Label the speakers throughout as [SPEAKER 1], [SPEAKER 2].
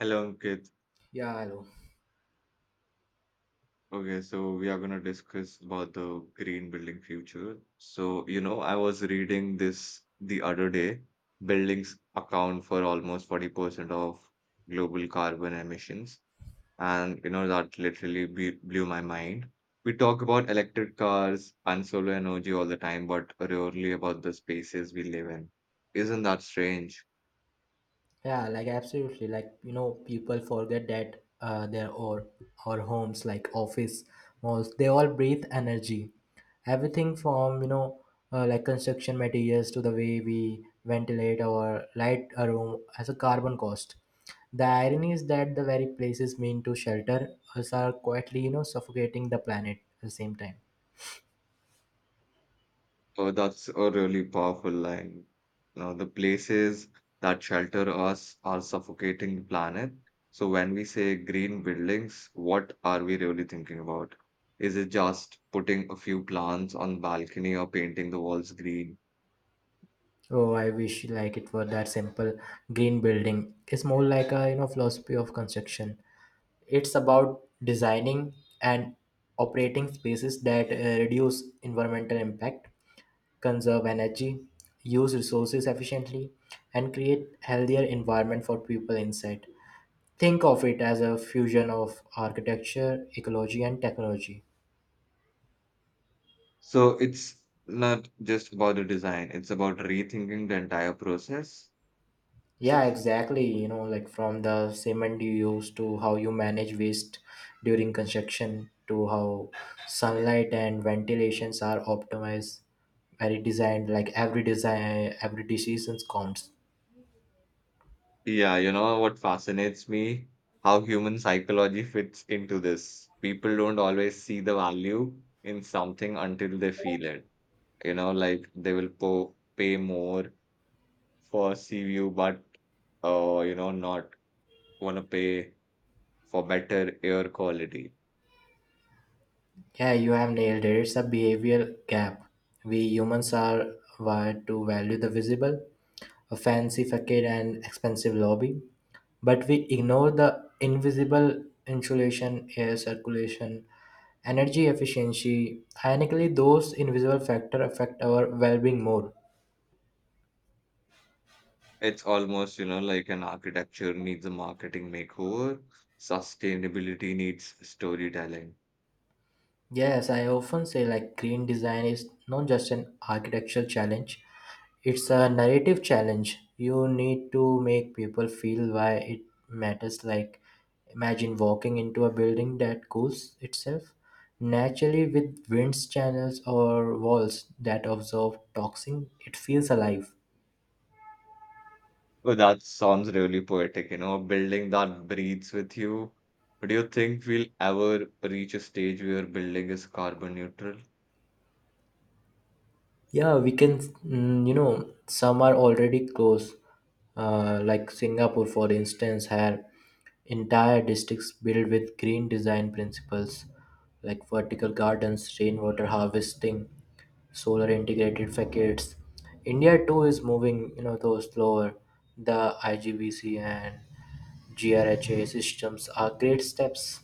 [SPEAKER 1] Hello, Ankit.
[SPEAKER 2] Yeah, I know.
[SPEAKER 1] Okay, so we are going to discuss about the green building future. So, you know, I was reading this the other day. Buildings account for almost 40% of global carbon emissions. And, you know, that literally be blew my mind. We talk about electric cars and solar energy all the time, but rarely about the spaces we live in. Isn't that strange?
[SPEAKER 2] Yeah, like absolutely. People forget that their or homes, like office, malls, they all breathe energy. Everything from like construction materials to the way we ventilate or light a room has a carbon cost. The irony is that the very places meant to shelter us are quietly suffocating the planet at the same time.
[SPEAKER 1] Oh, that's a really powerful line. Now, the places that shelter us are suffocating the planet. So, when we say green buildings, what are we really thinking about? Is it just putting a few plants on balcony or painting the walls green?
[SPEAKER 2] Oh, I wish like it were that simple. Green building is more like a philosophy of construction. It's about designing and operating spaces that reduce environmental impact, conserve energy, use resources efficiently, and create healthier environment for people inside. Think of it as a fusion of architecture, ecology, and technology.
[SPEAKER 1] So, it's not just about the design, it's about rethinking the entire process.
[SPEAKER 2] Yeah, exactly. You know, like from the cement you use to how you manage waste during construction to how sunlight and ventilations are optimized, very designed, like every design, every decision counts.
[SPEAKER 1] Yeah, you know what fascinates me? How human psychology fits into this. People don't always see the value in something until they feel it. You know, like they will po pay more for sea view, but you know, not want to pay for better air quality.
[SPEAKER 2] Yeah, you have nailed it. It's a behavioral gap. We humans are wired to value the visible, a fancy facade and expensive lobby, but we ignore the invisible insulation, air circulation, energy efficiency, ironically those invisible factors affect our well-being more.
[SPEAKER 1] It's almost, you know, like an architecture needs a marketing makeover. Sustainability needs storytelling.
[SPEAKER 2] Yes, I often say like green design is not just an architectural challenge, it's a narrative challenge. You need to make people feel why it matters, like imagine walking into a building that cools itself naturally with wind channels or walls that absorb toxin. It feels alive.
[SPEAKER 1] Oh, that sounds really poetic, you know, a building that breathes with you. Do you think we'll ever reach a stage where building is carbon neutral?
[SPEAKER 2] Yeah, we can, some are already close, like Singapore, for instance, had entire districts built with green design principles like vertical gardens, rainwater harvesting, solar integrated facades. India too is moving, you know, though slower. The IGBC and GRHA systems are great steps.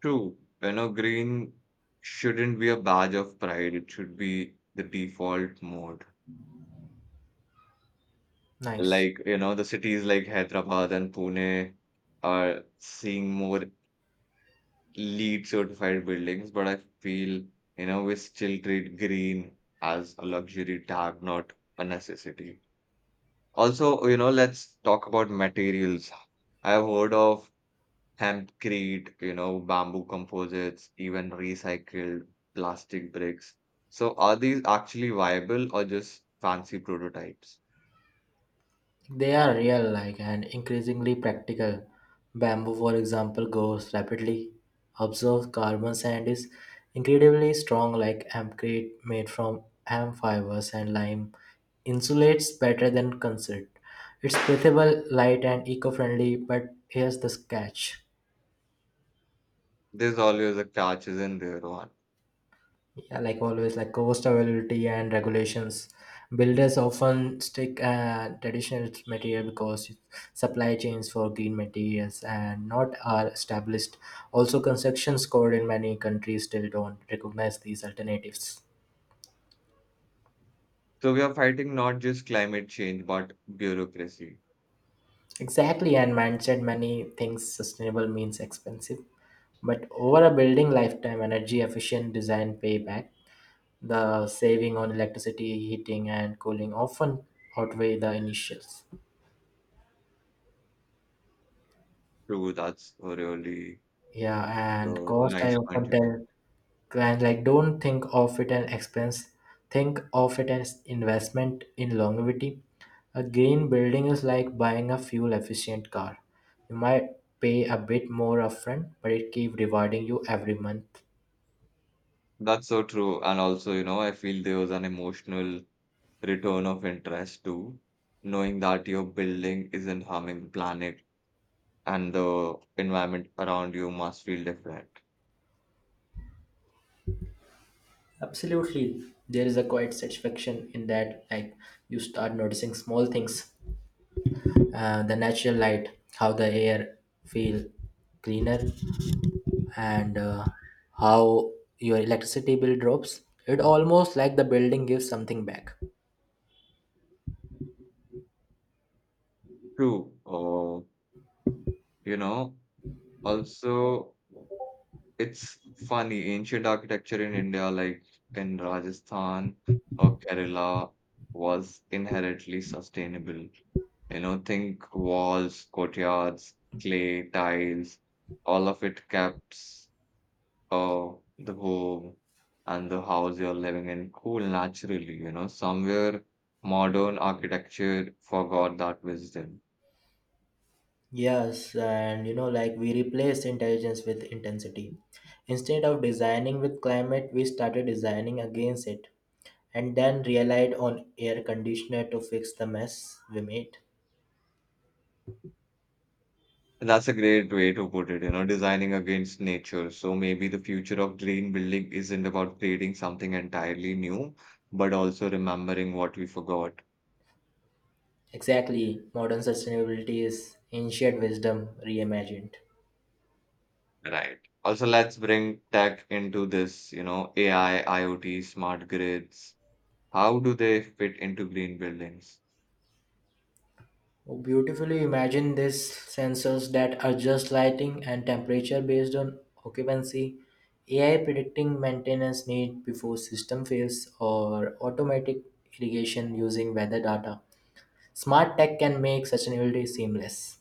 [SPEAKER 1] True, you know, green shouldn't be a badge of pride, it should be the default mode.
[SPEAKER 2] Nice.
[SPEAKER 1] Like, you know, the cities like Hyderabad and Pune are seeing more LEED certified buildings, but I feel, you know, we still treat green as a luxury tag, not a necessity. Also, you know, let's talk about materials. I've heard of hempcrete, you know, bamboo composites, even recycled plastic bricks. So, are these actually viable or just fancy prototypes?
[SPEAKER 2] They are real, like, and increasingly practical. Bamboo, for example, grows rapidly, absorbs carbon, and is incredibly strong. Like amcrete made from hemp fibers and lime, insulates better than concrete. It's breathable, light, and eco friendly, but here's the catch.
[SPEAKER 1] There's always a catch, isn't there, Rohan?
[SPEAKER 2] Yeah, like always, like cost availability and regulations. Builders often stick traditional material because supply chains for green materials and not are established. Also, constructions code in many countries still don't recognize these alternatives.
[SPEAKER 1] So, we are fighting not just climate change, but bureaucracy.
[SPEAKER 2] Exactly, and mindset many things sustainable means expensive. But over a building lifetime, energy efficient design payback, the saving on electricity, heating, and cooling often outweigh the initials.
[SPEAKER 1] True, that's a really
[SPEAKER 2] Yeah, and cost I
[SPEAKER 1] nice point
[SPEAKER 2] often
[SPEAKER 1] you made.
[SPEAKER 2] tell clients like don't think of it an expense, think of it as investment in longevity. A green building is like buying a fuel efficient car. You might pay a bit more upfront, but it keeps rewarding you every month.
[SPEAKER 1] That's so true. And also, you know, I feel there was an emotional return of interest too, knowing that your building isn't harming the planet and the environment around you must feel different.
[SPEAKER 2] Absolutely. There is a quiet satisfaction in that, like you start noticing small things. The natural light, how the air feel cleaner, and how your electricity bill drops. It almost like the building gives something back.
[SPEAKER 1] True. You know, also it's funny, ancient architecture in India, like in Rajasthan or Kerala, was inherently sustainable. You know, think walls, courtyards, clay, tiles, all of it kept uh, the home and the house you're living in cool naturally, you know, somewhere modern architecture forgot that wisdom.
[SPEAKER 2] Yes, and you know, like we replaced intelligence with intensity. Instead of designing with climate, we started designing against it and then relied on air conditioner to fix the mess we made.
[SPEAKER 1] And that's a great way to put it, you know, designing against nature. So maybe the future of green building isn't about creating something entirely new, but also remembering what we forgot.
[SPEAKER 2] Exactly, modern sustainability is ancient wisdom reimagined.
[SPEAKER 1] Right. Also, let's bring tech into this, you know, AI, IoT, smart grids. How do they fit into green buildings?
[SPEAKER 2] Oh, beautifully imagine these sensors that adjust lighting and temperature based on occupancy, AI predicting maintenance need before system fails, or automatic irrigation using weather data. Smart tech can make sustainability seamless.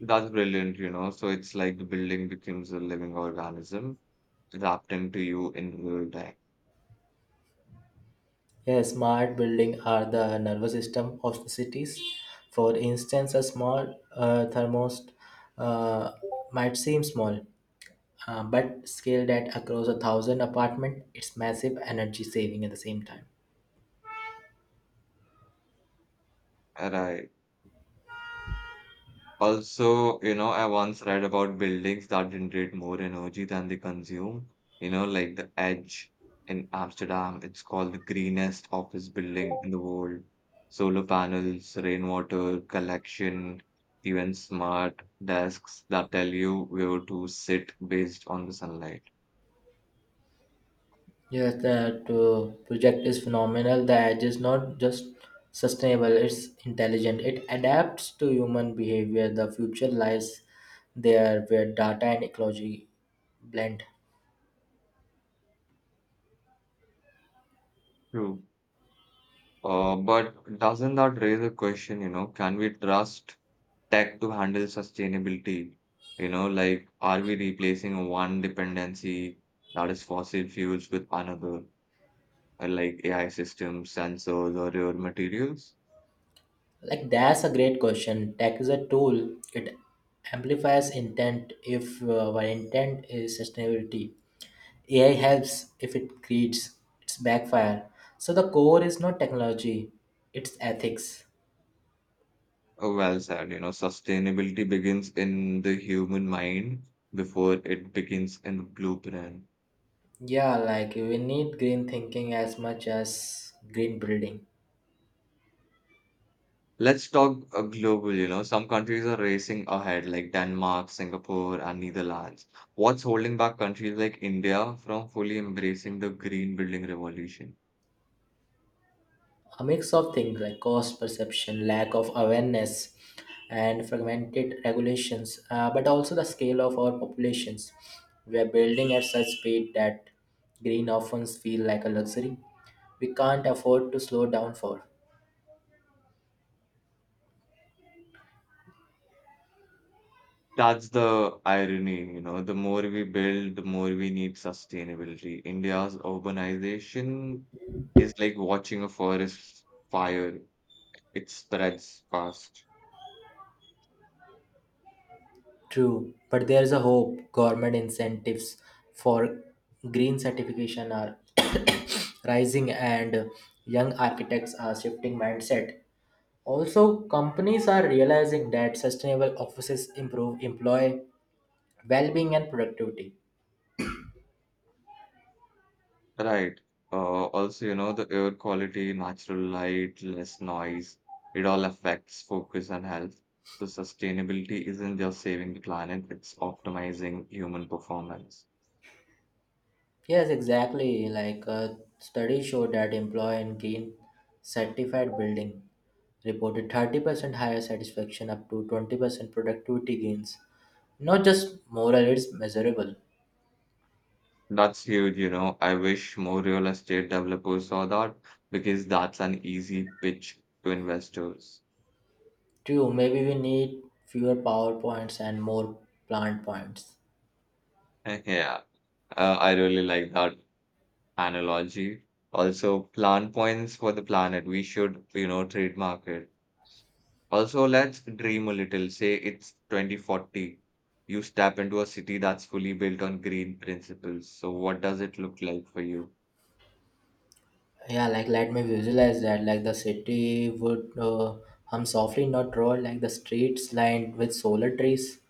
[SPEAKER 1] That's brilliant, you know. So it's like the building becomes a living organism adapting to you in real time.
[SPEAKER 2] Yes, smart buildings are the nervous system of the cities. For instance, a small thermostat uh, might seem small, but scaled at across a thousand apartment it's massive energy saving at the same time.
[SPEAKER 1] Right. Also, you know, I once read about buildings that generate more energy than they consume. You know, like the Edge in Amsterdam, it's called the greenest office building in the world. Solar panels, rainwater collection, even smart desks that tell you where to sit based on the sunlight.
[SPEAKER 2] Yes, the to project is phenomenal. The edge is not just sustainable, it's intelligent. It adapts to human behavior. The future lies there, where data and ecology blend.
[SPEAKER 1] True. But doesn't that raise a question, you know, can we trust tech to handle sustainability? You know, like, are we replacing one dependency that is fossil fuels with another, like AI systems, sensors, or rare materials?
[SPEAKER 2] Like, that's a great question. Tech is a tool, it amplifies intent. If our intent is sustainability, AI helps. If it creates, its backfire. So the core is not technology, it's ethics.
[SPEAKER 1] Well said, you know, sustainability begins in the human mind before it begins in the blueprint.
[SPEAKER 2] Yeah, like we need green thinking as much as green building.
[SPEAKER 1] Let's talk global, you know. Some countries are racing ahead, like Denmark, Singapore, and Netherlands. What's holding back countries like India from fully embracing the green building revolution?
[SPEAKER 2] A mix of things like cost perception, lack of awareness, and fragmented regulations, but also the scale of our populations. We are building at such speed that green often feel like a luxury we can't afford to slow down for.
[SPEAKER 1] That's the irony, you know. The more we build, the more we need sustainability. India's urbanization is like watching a forest fire, it spreads fast.
[SPEAKER 2] True, but there's a hope government incentives for green certification are rising and young architects are shifting mindset. Also, companies are realizing that sustainable offices improve employee well-being and productivity.
[SPEAKER 1] Right. Also, you know, the air quality, natural light, less noise, it all affects focus and health. So sustainability isn't just saving the planet, it's optimizing human performance.
[SPEAKER 2] Yes, exactly. Studies show that employee in green certified building reported 30% higher satisfaction up to 20% productivity gains. Not just moral, it's measurable.
[SPEAKER 1] That's huge, you know. I wish more real estate developers saw that because that's an easy pitch to investors.
[SPEAKER 2] True, maybe we need fewer PowerPoints and more plant points.
[SPEAKER 1] Yeah, I really like that analogy. Also, plan points for the planet. We should, you know, trademark it. Also, let's dream a little. Say it's 2040. You step into a city that's fully built on green principles. So, what does it look like for you?
[SPEAKER 2] Yeah, like let me visualize that. Like the city would hum softly, not roar. Like the streets lined with solar trees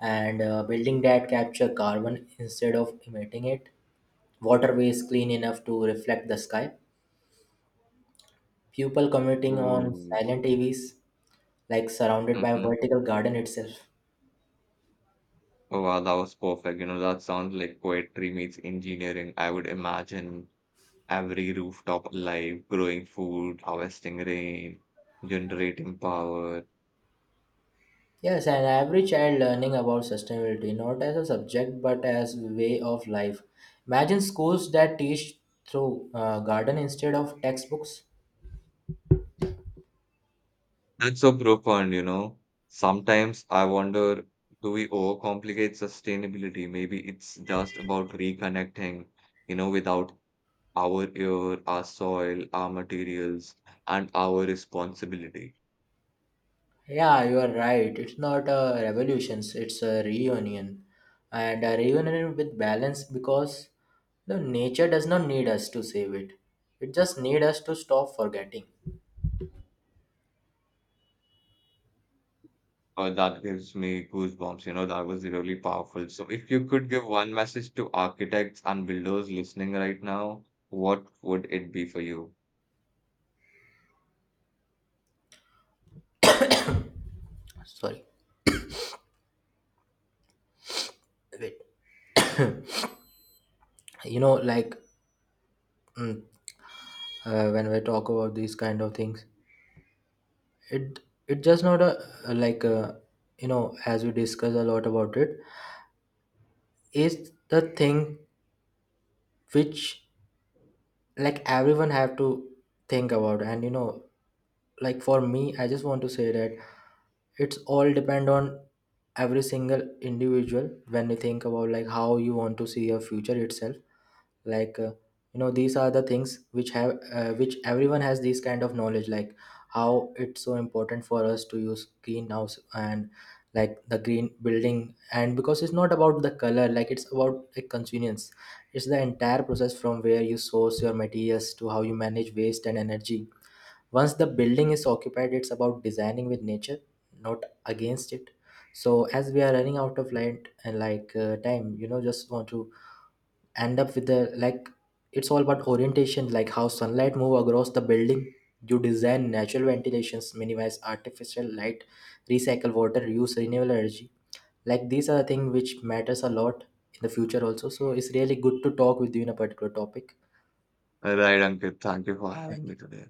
[SPEAKER 2] and building that capture carbon instead of emitting it. Waterways clean enough to reflect the sky. People commuting on
[SPEAKER 1] Oh,
[SPEAKER 2] silent EVs, like surrounded by a
[SPEAKER 1] hmm.
[SPEAKER 2] vertical garden itself.
[SPEAKER 1] Oh, wow, that was perfect. You know, that sounds like poetry meets engineering. I would imagine every rooftop alive, growing food, harvesting rain, generating power.
[SPEAKER 2] Yes, and every child learning about sustainability, not as a subject but as way of life. Imagine schools that teach through garden instead of textbooks.
[SPEAKER 1] That's so profound, you know. Sometimes I wonder, do we overcomplicate sustainability? Maybe it's just about reconnecting, you know, without our air, our soil, our materials, and our responsibility.
[SPEAKER 2] Yeah, you are right. It's not a revolution, it's a reunion. And a reunion with balance because the nature does not need us to save it. It just needs us to stop forgetting.
[SPEAKER 1] That gives me goosebumps, you know, that was really powerful. So if you could give one message to architects and builders listening right now, what would it be for you?
[SPEAKER 2] Sorry. Wait. You know, like mm, when we talk about these kind of things, it it just not a as we discuss a lot about it is the thing which like everyone have to think about. And you know, like for me I just want to say that it's all depend on every single individual when you think about like how you want to see your future itself. like uh, these are the things which have which everyone has this kind of knowledge, like how it's so important for us to use greenhouse and like the green building. And because it's not about the color, like it's about like convenience, it's the entire process from where you source your materials to how you manage waste and energy once the building is occupied. It's about designing with nature, not against it. So as we are running out of light and time, you know, just want to end up with the like it's all about orientation. Like how sunlight move across the building, you design natural ventilations, minimize artificial light, recycle water, use renewable energy. Like these are the things which matters a lot in the future also. So it's really good to talk with you in a particular topic.
[SPEAKER 1] Right, Ankit, thank you for having
[SPEAKER 2] Thank
[SPEAKER 1] me
[SPEAKER 2] you.
[SPEAKER 1] today.